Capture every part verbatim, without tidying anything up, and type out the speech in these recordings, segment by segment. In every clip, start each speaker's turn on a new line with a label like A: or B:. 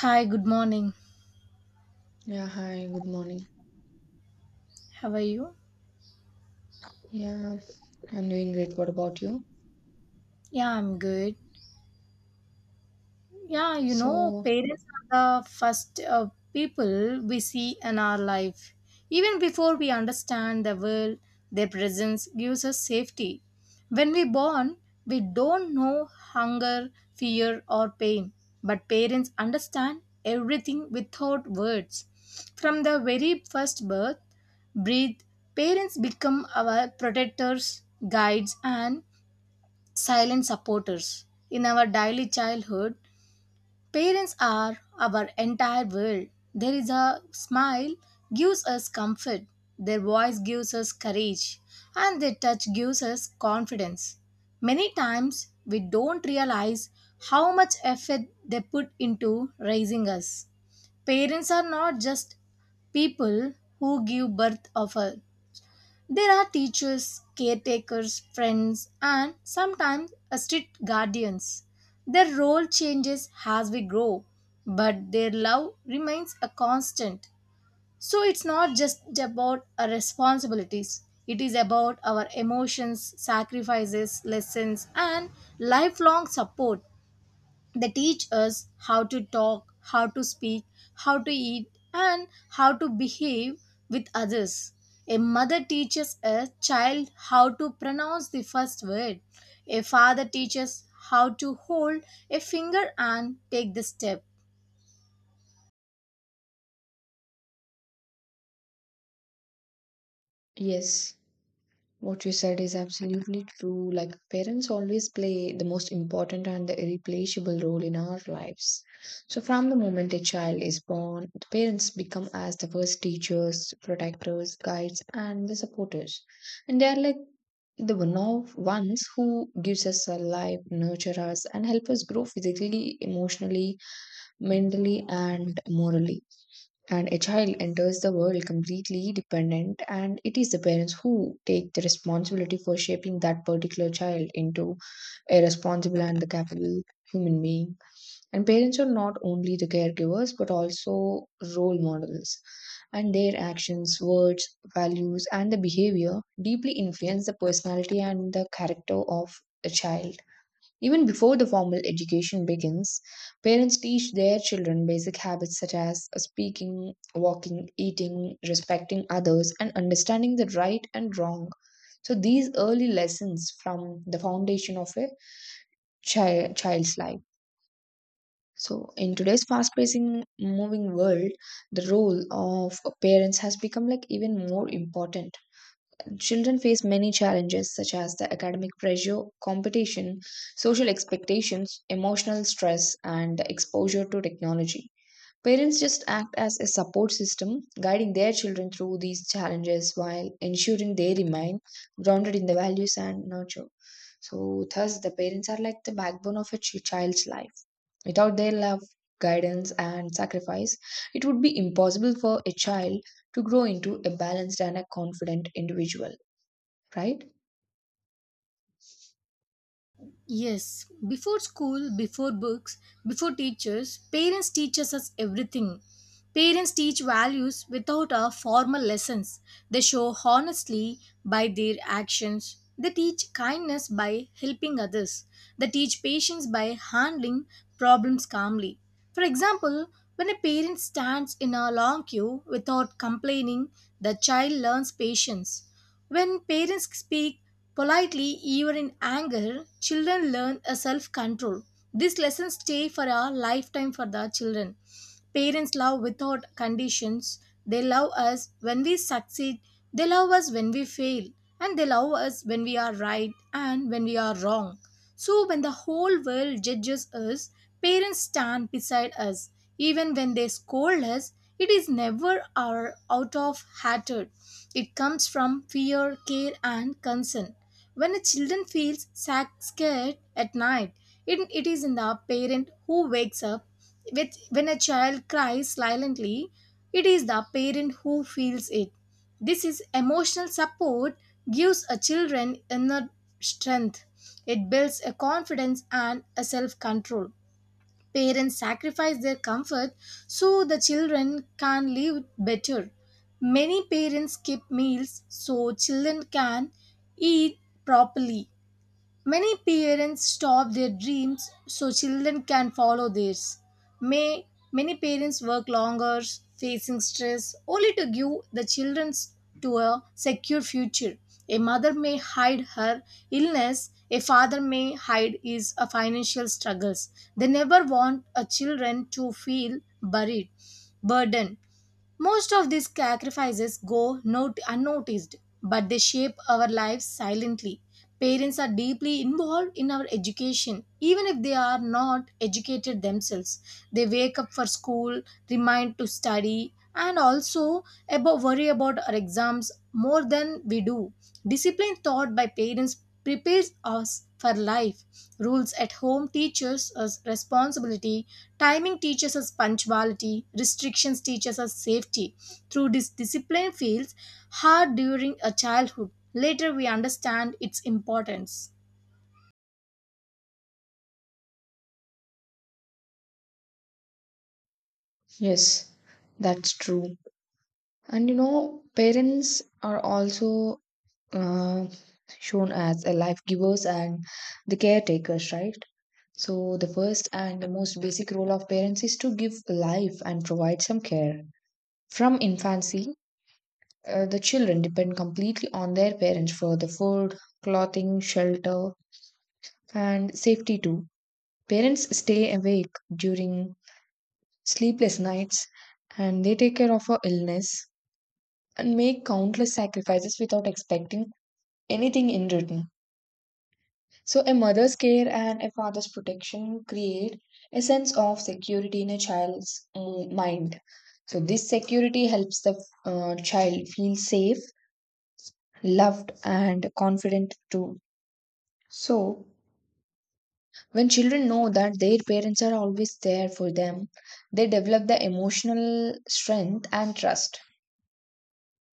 A: Hi, good morning.
B: Yeah, hi, good morning.
A: How are you?
B: Yeah, I'm doing great. What about you?
A: Yeah, I'm good. Yeah, you know,
B: So,
A: parents are the first uh, people we see in our life. Even before we understand the world, their presence gives us safety. When we born, we don't know hunger, fear, or pain, but parents understand everything without words. From the very first birth, breathe, parents become our protectors, guides, and silent supporters. In our daily childhood, parents are our entire world. There is a smile gives us comfort, their voice gives us courage, and their touch gives us confidence. Many times we don't realize how much effort they put into raising us. Parents are not just people who give birth of us. There are teachers, caretakers, friends, and sometimes a strict guardians. Their role changes as we grow, but their love remains a constant. So it's not just about our responsibilities, it is about our emotions, sacrifices, lessons, and lifelong support. They teach us how to talk, how to speak, how to eat, and how to behave with others. A mother teaches a child how to pronounce the first word. A father teaches how to hold a finger and take the step.
B: yes, what you said is absolutely true. Like, parents always play the most important and the irreplaceable role in our lives. So, from the moment a child is born, the parents become as the first teachers, protectors, guides, and the supporters. And they are like the one of ones who gives us a life, nurture us, and help us grow physically, emotionally, mentally, and morally. And a child enters the world completely dependent and it is the parents who take the responsibility for shaping that particular child into a responsible and the capable human being. And parents are not only the caregivers but also role models, and their actions, words, values, and the behavior deeply influence the personality and the character of a child. Even before the formal education begins, parents teach their children basic habits such as speaking, walking, eating, respecting others, and understanding the right and wrong. So, these early lessons from the foundation of a child, child's life. So, in today's fast paced moving world, the role of parents has become like even more important. Children face many challenges such as the academic pressure, competition, social expectations, emotional stress, and exposure to technology. Parents just act as a support system, guiding their children through these challenges while ensuring they remain grounded in the values and nurture. So, thus, the parents are like the backbone of a ch- child's life. Without their love, guidance, and sacrifice, it would be impossible for a child to grow into a balanced and a confident individual, right?
A: Yes, before school, before books, before teachers, parents teach us everything. Parents teach values without our formal lessons. They show honestly by their actions. They teach kindness by helping others. They teach patience by handling problems calmly. For example, when a parent stands in a long queue without complaining, the child learns patience. When parents speak politely, even in anger, children learn a self control. These lessons stay for a lifetime for the children. Parents love without conditions. They love us when we succeed, they love us when we fail, and they love us when we are right and when we are wrong. So when the whole world judges us, parents stand beside us. Even when they scold us, it is never our out of hatred. It comes from fear, care, and concern. When a child feels sac- scared at night, it, it is in the parent who wakes up. With, when a child cries silently, it is the parent who feels it. This is emotional support gives a children inner strength. It builds a confidence and a self control. Parents sacrifice their comfort so the children can live better. Many parents skip meals so children can eat properly. Many parents stop their dreams so children can follow theirs. May many parents work longer, facing stress, only to give the children to a secure future. A mother may hide her illness, a father may hide his uh, financial struggles. They never want a children to feel buried, burdened. Most of these sacrifices go not- unnoticed, but they shape our lives silently. Parents are deeply involved in our education, even if they are not educated themselves. They wake up for school, remind to study, and also about worry about our exams more than we do. Discipline taught by parents prepares us for life. Rules at home teaches us responsibility. Timing teaches us punctuality. Restrictions teaches us safety. Through this discipline feels hard during a childhood. Later we understand its importance.
B: Yes, that's true. And you know, parents are also uh, shown as a life givers and the caretakers, right? So, the first and the most basic role of parents is to give life and provide some care. From infancy, uh, the children depend completely on their parents for the food, clothing, shelter, and safety too. Parents stay awake during sleepless nights, and they take care of our illness and make countless sacrifices without expecting anything in return. So, a mother's care and a father's protection create a sense of security in a child's mm, mind. So, this security helps the uh, child feel safe, loved, and confident too. So, when children know that their parents are always there for them, they develop the emotional strength and trust.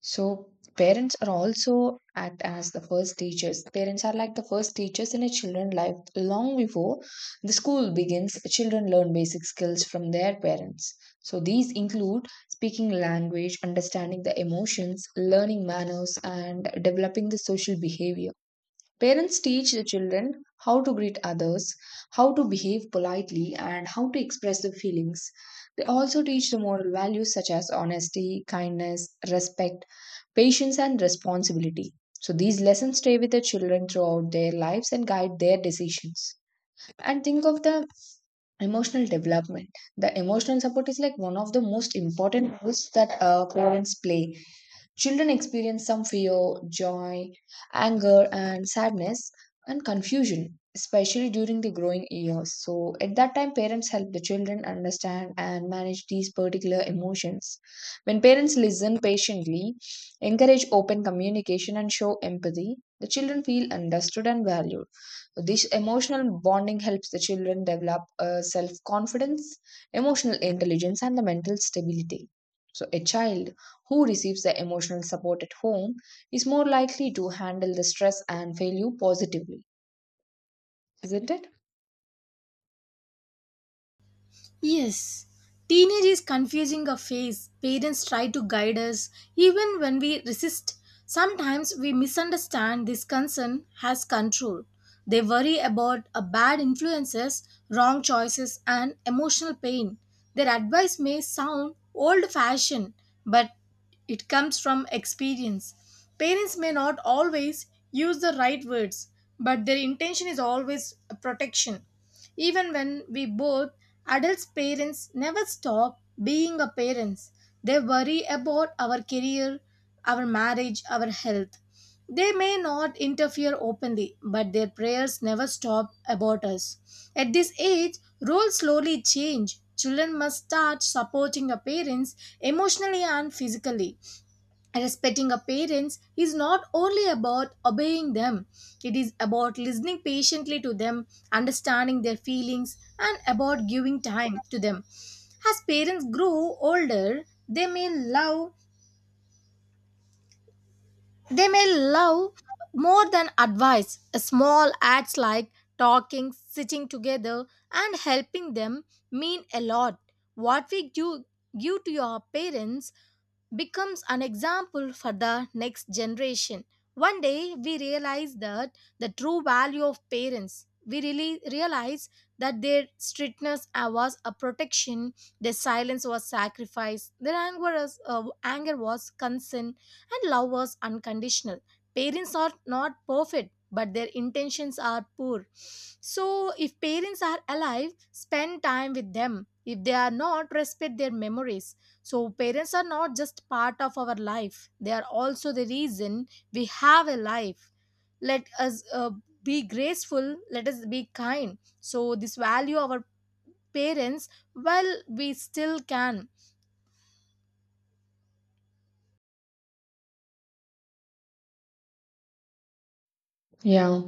B: So parents are also act as the first teachers. Parents are like the first teachers in a children's life. Long before the school begins, children learn basic skills from their parents. So these include speaking language, understanding the emotions, learning manners, and developing the social behavior. Parents teach the children how to greet others, how to behave politely, and how to express their feelings. They also teach the moral values such as honesty, kindness, respect, patience, and responsibility. So, these lessons stay with the children throughout their lives and guide their decisions. And think of the emotional development. The emotional support is like one of the most important roles that uh, parents play. Children experience some fear, joy, anger, and sadness and confusion, especially during the growing years. So, at that time, parents help the children understand and manage these particular emotions. When parents listen patiently, encourage open communication, and show empathy, the children feel understood and valued. This emotional bonding helps the children develop self confidence, emotional intelligence, and the mental stability. So, a child who receives the emotional support at home is more likely to handle the stress and failure positively, isn't it?
A: Yes, teenage is confusing a phase. Parents try to guide us even when we resist. Sometimes we misunderstand this concern has control. They worry about a bad influences, wrong choices and emotional pain. Their advice may sound old-fashioned, but it comes from experience. Parents may not always use the right words, but their intention is always protection. Even when we both adults parents never stop being a parents. They worry about our career, our marriage, our health. They may not interfere openly, but their prayers never stop about us. At this age, roles slowly change. Children must start supporting their parents emotionally and physically respecting our parents is not only about obeying them it is about listening patiently to them understanding their feelings and about giving time to them as parents grow older they may love they may love more than advice small acts like talking sitting together and helping them mean a lot what we do give to your parents becomes an example for the next generation. One day we realize that the true value of parents, we really realize that their strictness uh, was a protection, their silence was sacrifice, their anger was, uh, anger was consent, and love was unconditional. Parents are not perfect, but their intentions are poor. So, if parents are alive, spend time with them. If they are not, respect their memories so, parents are not just part of our life, they are also the reason we have a life. Let us uh, be graceful, let us be kind. So, this value our parents while we still can.
B: Yeah.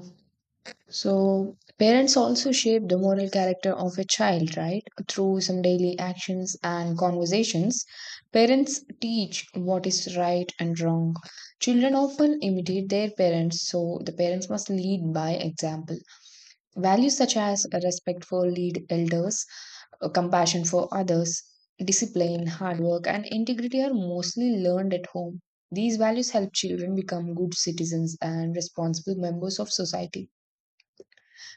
B: So parents also shape the moral character of a child, right? Through some daily actions and conversations, parents teach what is right and wrong. Children often imitate their parents, so the parents must lead by example. Values such as respect for lead elders, uh, compassion for others, discipline, hard work, and integrity are mostly learned at home. These values help children become good citizens and responsible members of society.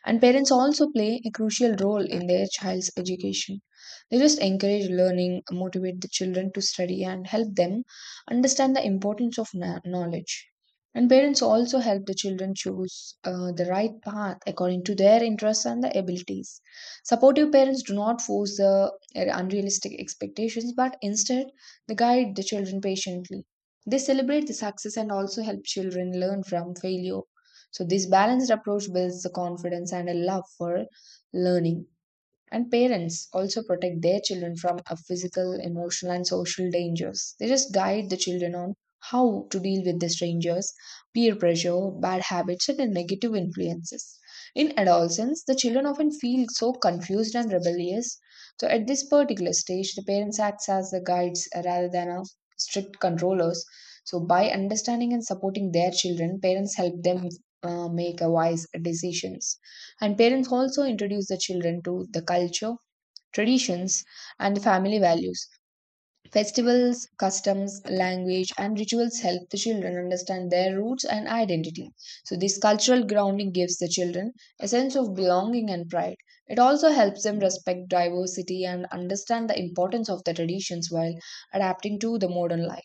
B: And parents also play a crucial role in their child's education. They just encourage learning, motivate the children to study, and help them understand the importance of kno- knowledge. And parents also help the children choose uh, the right path according to their interests and the abilities. Supportive parents do not force the uh, unrealistic expectations, but instead they guide the children patiently. They celebrate the success and also help children learn from failure. So, this balanced approach builds the confidence and a love for learning. And parents also protect their children from a physical, emotional, and social dangers. They just guide the children on how to deal with the strangers, peer pressure, bad habits, and negative influences. In adolescence, the children often feel so confused and rebellious. So, at this particular stage, the parents act as the guides uh, rather than a strict controllers. So, by understanding and supporting their children, parents help them uh, make a wise decisions. And parents also introduce the children to the culture, traditions, and the family values. Festivals, customs, language, and rituals help the children understand their roots and identity. So, this cultural grounding gives the children a sense of belonging and pride. It also helps them respect diversity and understand the importance of the traditions while adapting to the modern life.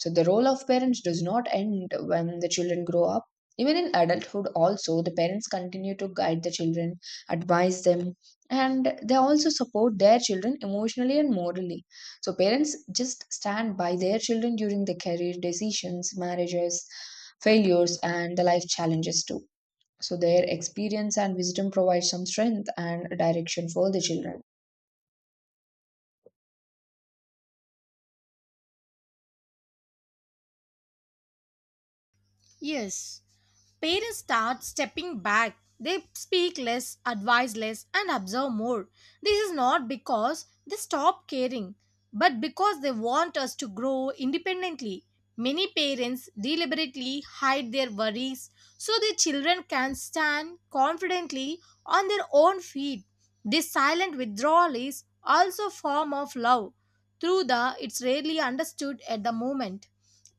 B: So, the role of parents does not end when the children grow up. Even in adulthood, also, the parents continue to guide the children, advise them, and they also support their children emotionally and morally. So parents just stand by their children during their career decisions, marriages, failures, and the life challenges too. So their experience and wisdom provide some strength and direction for the children.
A: Yes, parents start stepping back. They speak less, advise less, and observe more. This is not because they stop caring, but because they want us to grow independently. Many parents deliberately hide their worries so their children can stand confidently on their own feet. This silent withdrawal is also a form of love, through the it's rarely understood at the moment.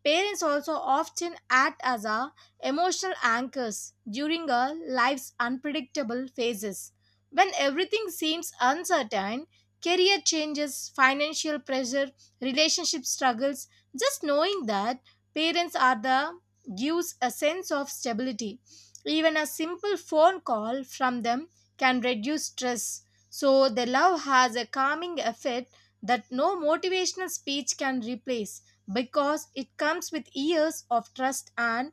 A: Parents also often act as our emotional anchors during our life's unpredictable phases. When everything seems uncertain, career changes, financial pressure, relationship struggles, just knowing that parents are the gives a sense of stability. Even a simple phone call from them can reduce stress. So their love has a calming effect that no motivational speech can replace because it comes with years of trust and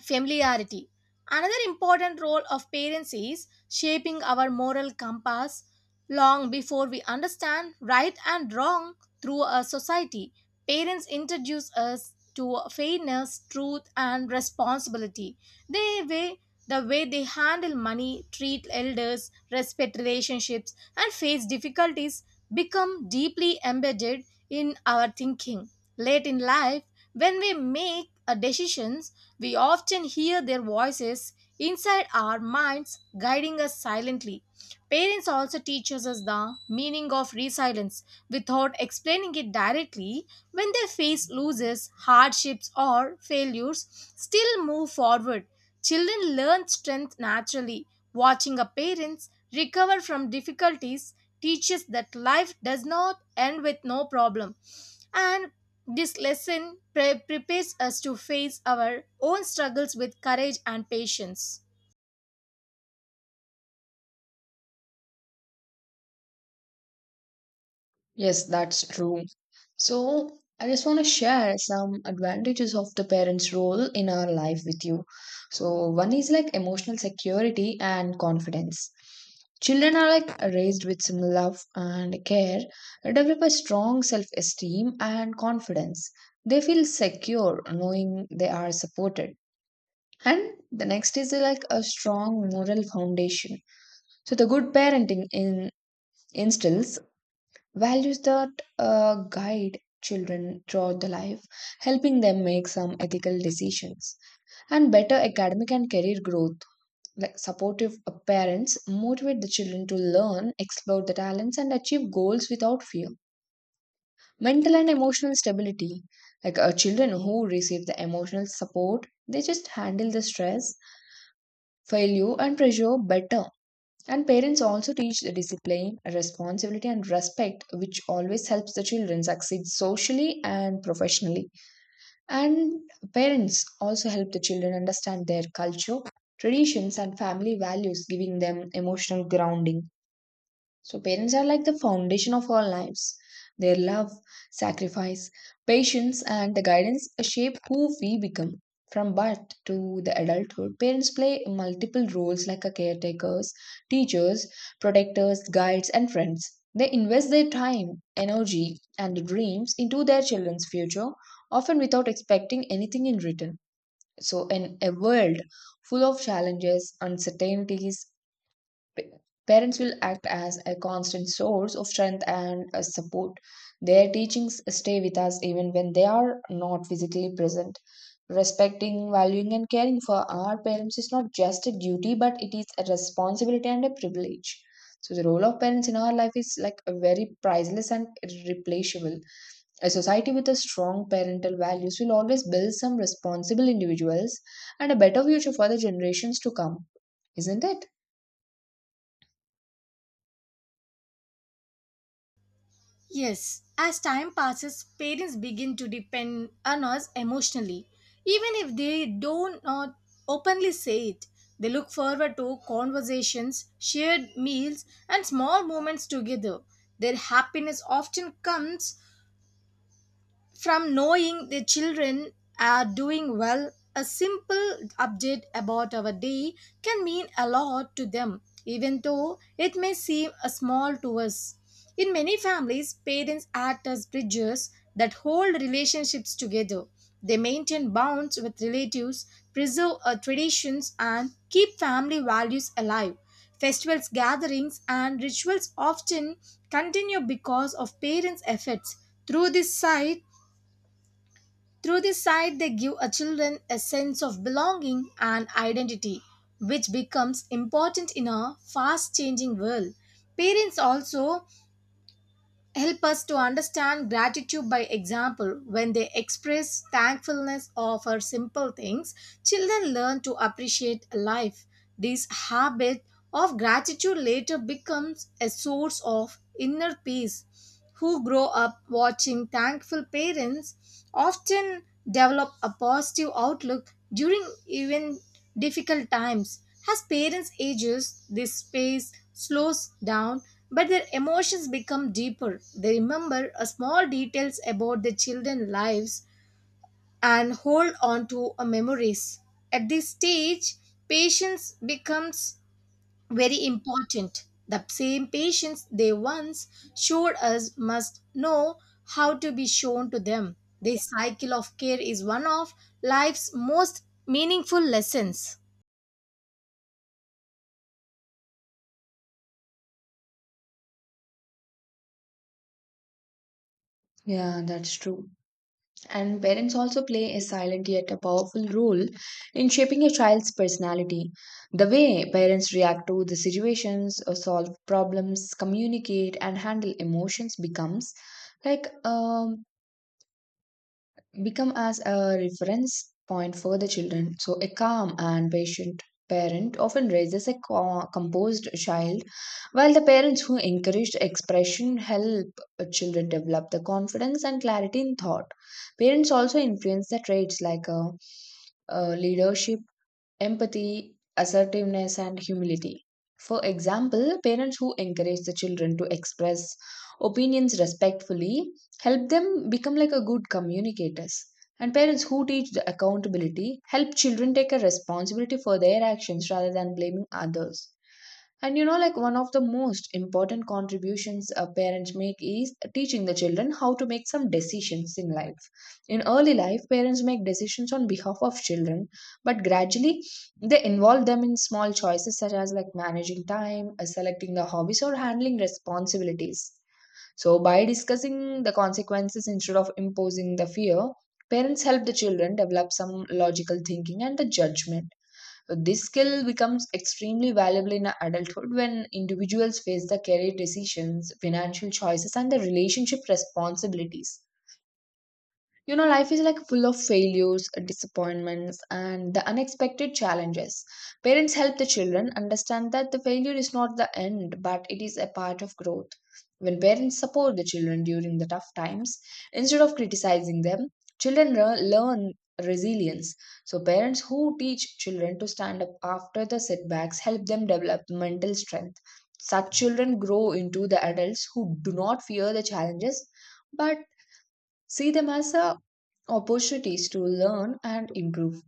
A: familiarity another important role of parents is shaping our moral compass long before we understand right and wrong through a society parents introduce us to fairness truth and responsibility they way the way they handle money treat elders respect relationships and face difficulties become deeply embedded in our thinking late in life when we make a decisions we often hear their voices inside our minds guiding us silently. Parents also teach us the meaning of resilience without explaining it directly. When they face losses, hardships, or failures, still move forward. Children learn strength naturally. Watching a parents recover from difficulties teaches that life does not end with no problem and this lesson pre- prepares us to face our own struggles with courage and patience.
B: Yes, that's true. So, I just want to share some advantages of the parents' role in our life with you. So, one is like emotional security and confidence. Children are like raised with some love and care, develop a strong self esteem and confidence. They feel secure knowing they are supported. And the next is like a strong moral foundation. So, the good parenting in, instills values that uh, guide children throughout the life, helping them make some ethical decisions and better academic and career growth. Like supportive uh, parents motivate the children to learn, explore the talents, and achieve goals without fear. Mental and emotional stability. Like uh, children who receive the emotional support, they just handle the stress, failure, and pressure better. And parents also teach the discipline, responsibility, and respect, which always helps the children succeed socially and professionally. And parents also help the children understand their culture, traditions, and family values, giving them emotional grounding. So, parents are like the foundation of our lives. Their love, sacrifice, patience, and the guidance shape who we become. From birth to the adulthood, parents play multiple roles like a caretakers, teachers, protectors, guides, and friends. They invest their time, energy, and dreams into their children's future, often without expecting anything in return. So, in a world full of challenges, uncertainties, Pa- parents will act as a constant source of strength and uh, support. Their teachings stay with us even when they are not physically present. Respecting, valuing, and caring for our parents is not just a duty, but it is a responsibility and a privilege. So, the role of parents in our life is like a very priceless and irreplaceable. A society with a strong parental values will always build some responsible individuals and a better future for the generations to come, isn't it?
A: Yes, as time passes, parents begin to depend on us emotionally. Even if they do not openly say it, they look forward to conversations, shared meals, and small moments together. Their happiness often comes from knowing the children are doing well a simple update about our day can mean a lot to them even though it may seem a small to us in many families parents act as bridges that hold relationships together they maintain bonds with relatives preserve uh, traditions and keep family values alive festivals gatherings and rituals often continue because of parents efforts through this site through this site, they give a children a sense of belonging and identity, which becomes important in a fast changing world. Parents also help us to understand gratitude by example. When they express thankfulness or for simple things, children learn to appreciate life. This habit of gratitude later becomes a source of inner peace who grow up watching thankful parents often develop a positive outlook during even difficult times. As parents ages, this space slows down, but their emotions become deeper. They remember a small details about their children's lives and hold on to a memories. At this stage, patience becomes very important. The same patience they once showed us must know how to be shown to them. This cycle of care is one of life's most meaningful lessons.
B: Yeah, that's true. And parents also play a silent yet a powerful role in shaping a child's personality. The way parents react to the situations, or solve problems, communicate, and handle emotions becomes like um, become as a reference point for the children. So, a calm and patient parent often raises a co- composed child, while the parents who encourage expression help children develop the confidence and clarity in thought. Parents also influence the traits like uh, uh, leadership, empathy, assertiveness, and humility. For example, parents who encourage the children to express opinions respectfully help them become like a good communicators. And parents who teach the accountability help children take a responsibility for their actions rather than blaming others. And you know, like one of the most important contributions a parents make is teaching the children how to make some decisions in life. In early life, parents make decisions on behalf of children, but gradually they involve them in small choices such as like managing time, uh, selecting the hobbies, or handling responsibilities. So, by discussing the consequences instead of imposing the fear, parents help the children develop some logical thinking and the judgment. So this skill becomes extremely valuable in adulthood when individuals face the career decisions, financial choices, and the relationship responsibilities. You know, life is like full of failures, disappointments, and the unexpected challenges. Parents help the children understand that the failure is not the end, but it is a part of growth. When parents support the children during the tough times, instead of criticizing them, children re- learn resilience. So, parents who teach children to stand up after the setbacks help them develop mental strength. Such children grow into the adults who do not fear the challenges but see them as a opportunities to learn and improve.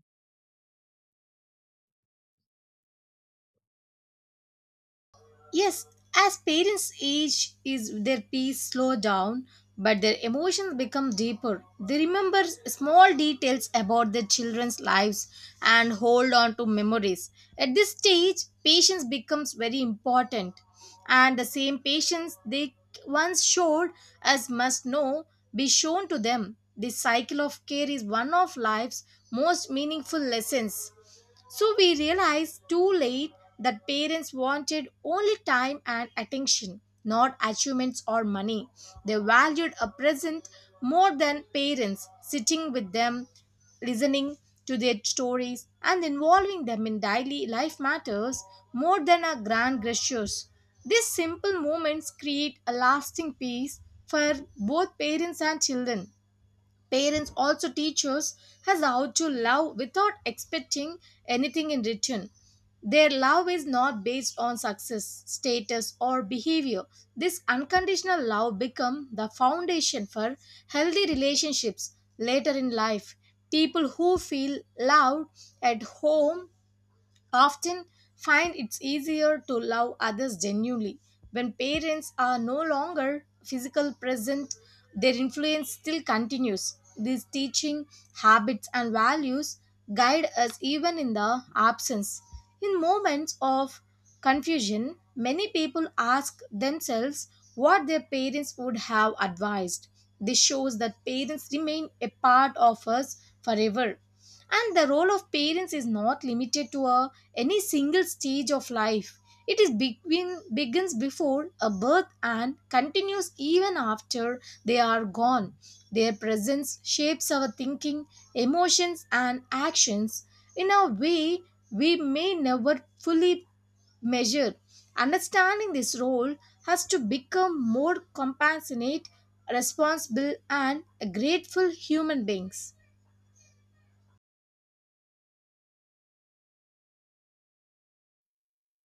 A: Yes, as parents age, is their peace slow down, but their emotions become deeper. They remember small details about their children's lives and hold on to memories. At this stage, patience becomes very important, and the same patience they once showed us must now be shown to them. This cycle of care is one of life's most meaningful lessons. So we realized too late that parents wanted only time and attention, not achievements or money. They valued a present more than parents, sitting with them, listening to their stories, and involving them in daily life matters more than our grand gestures. These simple moments create a lasting peace for both parents and children. Parents also teach us as how to love without expecting anything in return. Their love is not based on success, status, or behavior. This unconditional love becomes the foundation for healthy relationships later in life. People who feel loved at home often find it's easier to love others genuinely. When parents are no longer physical present, their influence still continues. These teaching habits and values guide us even in the absence. In moments of confusion, many people ask themselves what their parents would have advised. This shows that parents remain a part of us forever and the role of parents is not limited to a, any single stage of life it is begin, begins before a birth and continues even after they are gone their presence shapes our thinking emotions and actions in a way we may never fully measure understanding this role has to become more compassionate responsible and grateful human beings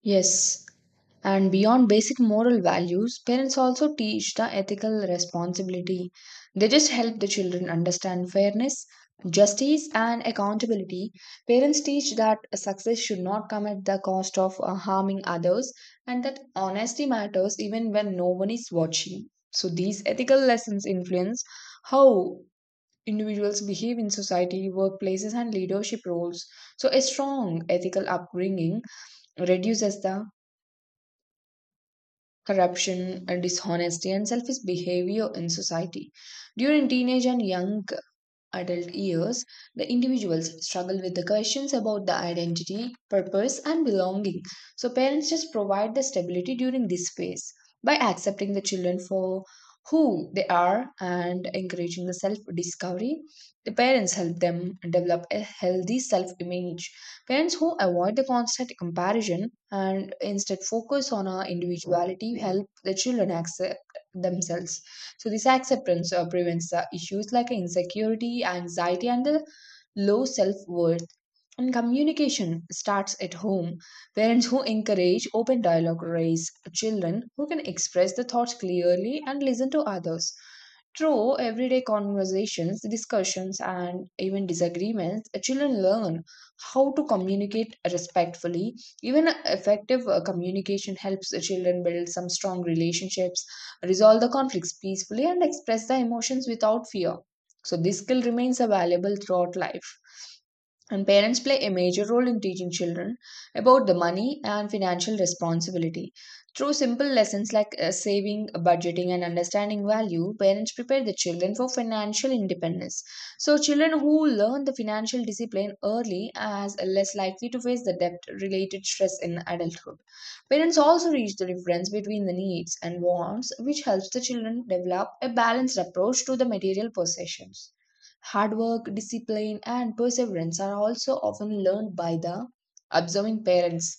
B: Yes, and beyond basic moral values, parents also teach the ethical responsibility. They just help the children understand fairness, justice, and accountability. Parents teach that success should not come at the cost of uh, harming others and that honesty matters even when no one is watching. So, these ethical lessons influence how individuals behave in society, workplaces, and leadership roles. So, a strong ethical upbringing reduces the corruption, uh, dishonesty, and selfish behavior in society. During teenage and young adult years, the individuals struggle with the questions about the identity, purpose, and belonging. So, parents just provide the stability during this phase by accepting the children for who they are and encouraging the self discovery. The parents help them develop a healthy self image. Parents who avoid the constant comparison and instead focus on our individuality help the children accept themselves. So this acceptance uh, prevents the issues like insecurity, anxiety, and the low self worth. And communication starts at home. Parents who encourage open dialogue raise children who can express the thoughts clearly and listen to others. Through everyday conversations, discussions, and even disagreements, children learn how to communicate respectfully. Even effective uh, communication helps the children build some strong relationships resolve the conflicts peacefully, and express the emotions without fear. So, this skill remains available throughout life. And parents play a major role in teaching children about the money and financial responsibility. Through simple lessons like uh, saving, budgeting, and understanding value, parents prepare the children for financial independence. So, children who learn the financial discipline early are less likely to face the debt related stress in adulthood. Parents also reach the difference between the needs and wants, which helps the children develop a balanced approach to the material possessions. Hard work, discipline, and perseverance are also often learned by the observing parents.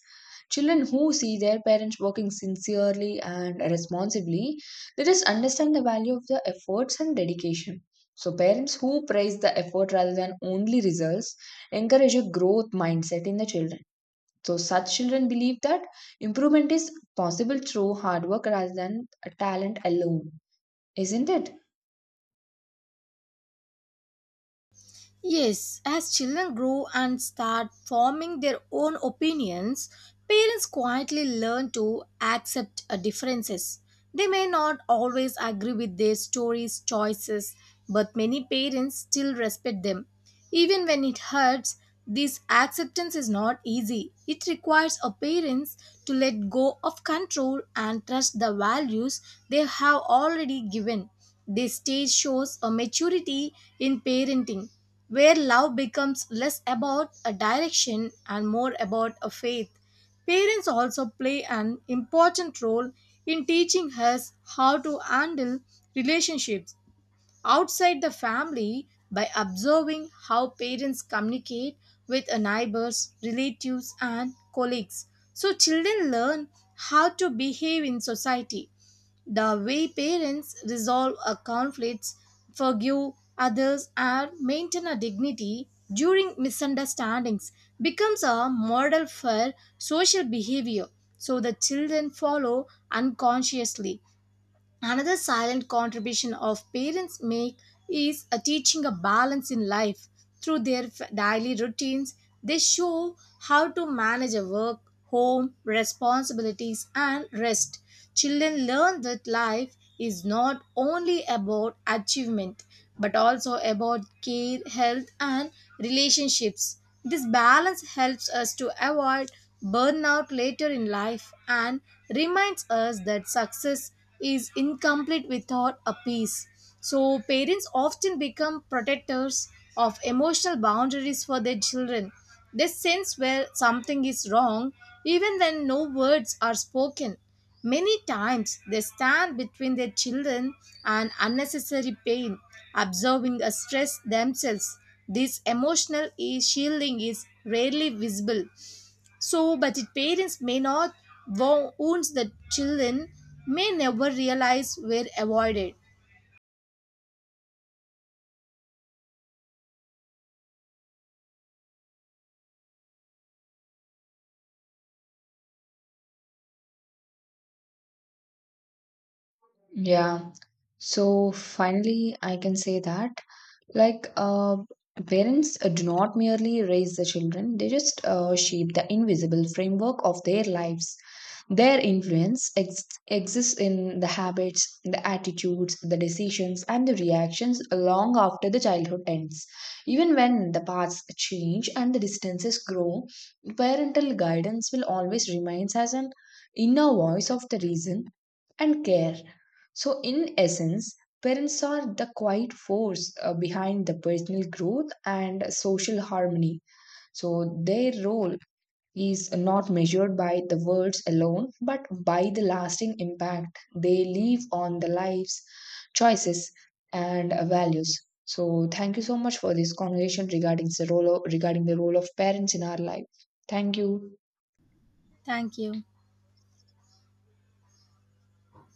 B: Children who see their parents working sincerely and responsibly, they just understand the value of the efforts and dedication. So, parents who praise the effort rather than only results encourage a growth mindset in the children. So, such children believe that improvement is possible through hard work rather than talent alone, isn't it?
A: Yes, as children grow and start forming their own opinions, parents quietly learn to accept uh, differences. They may not always agree with their stories, choices, but many parents still respect them. Even when it hurts, this acceptance is not easy. It requires a parents to let go of control and trust the values they have already given. This stage shows a maturity in parenting where love becomes less about a direction and more about a faith. Parents also play an important role in teaching us how to handle relationships outside the family by observing how parents communicate with a neighbors, relatives, and colleagues. So, children learn how to behave in society the way parents resolve a conflicts, forgive others, and maintain a dignity during misunderstandings becomes a model for social behavior. So the children follow unconsciously. Another silent contribution of parents make is a teaching a balance in life through their f- daily routines. They show how to manage a work, home, responsibilities and rest. Children learn that life is not only about achievement but also about care, health and relationships. This balance helps us to avoid burnout later in life and reminds us that success is incomplete without a peace. So, parents often become protectors of emotional boundaries for their children. They sense where something is wrong even when no words are spoken. Many times they stand between their children and unnecessary pain, absorbing a stress themselves. This emotional e- shielding is rarely visible so, but if parents may not wo- wounds the children may never realize were avoided.
B: Yeah. So finally, I can say that like uh, parents uh, do not merely raise the children, they just uh, shape the invisible framework of their lives. Their influence ex- exists in the habits, the attitudes, the decisions, and the reactions long after the childhood ends. Even when the paths change and the distances grow, parental guidance will always remain as an inner voice of the reason and care. So, in essence, parents are the quiet force uh, behind the personal growth and social harmony. So, their role is not measured by the words alone, but by the lasting impact they leave on the lives, choices, and uh, values. So, thank you so much for this conversation regarding the role of, regarding the role of parents in our life. Thank you.
A: Thank you.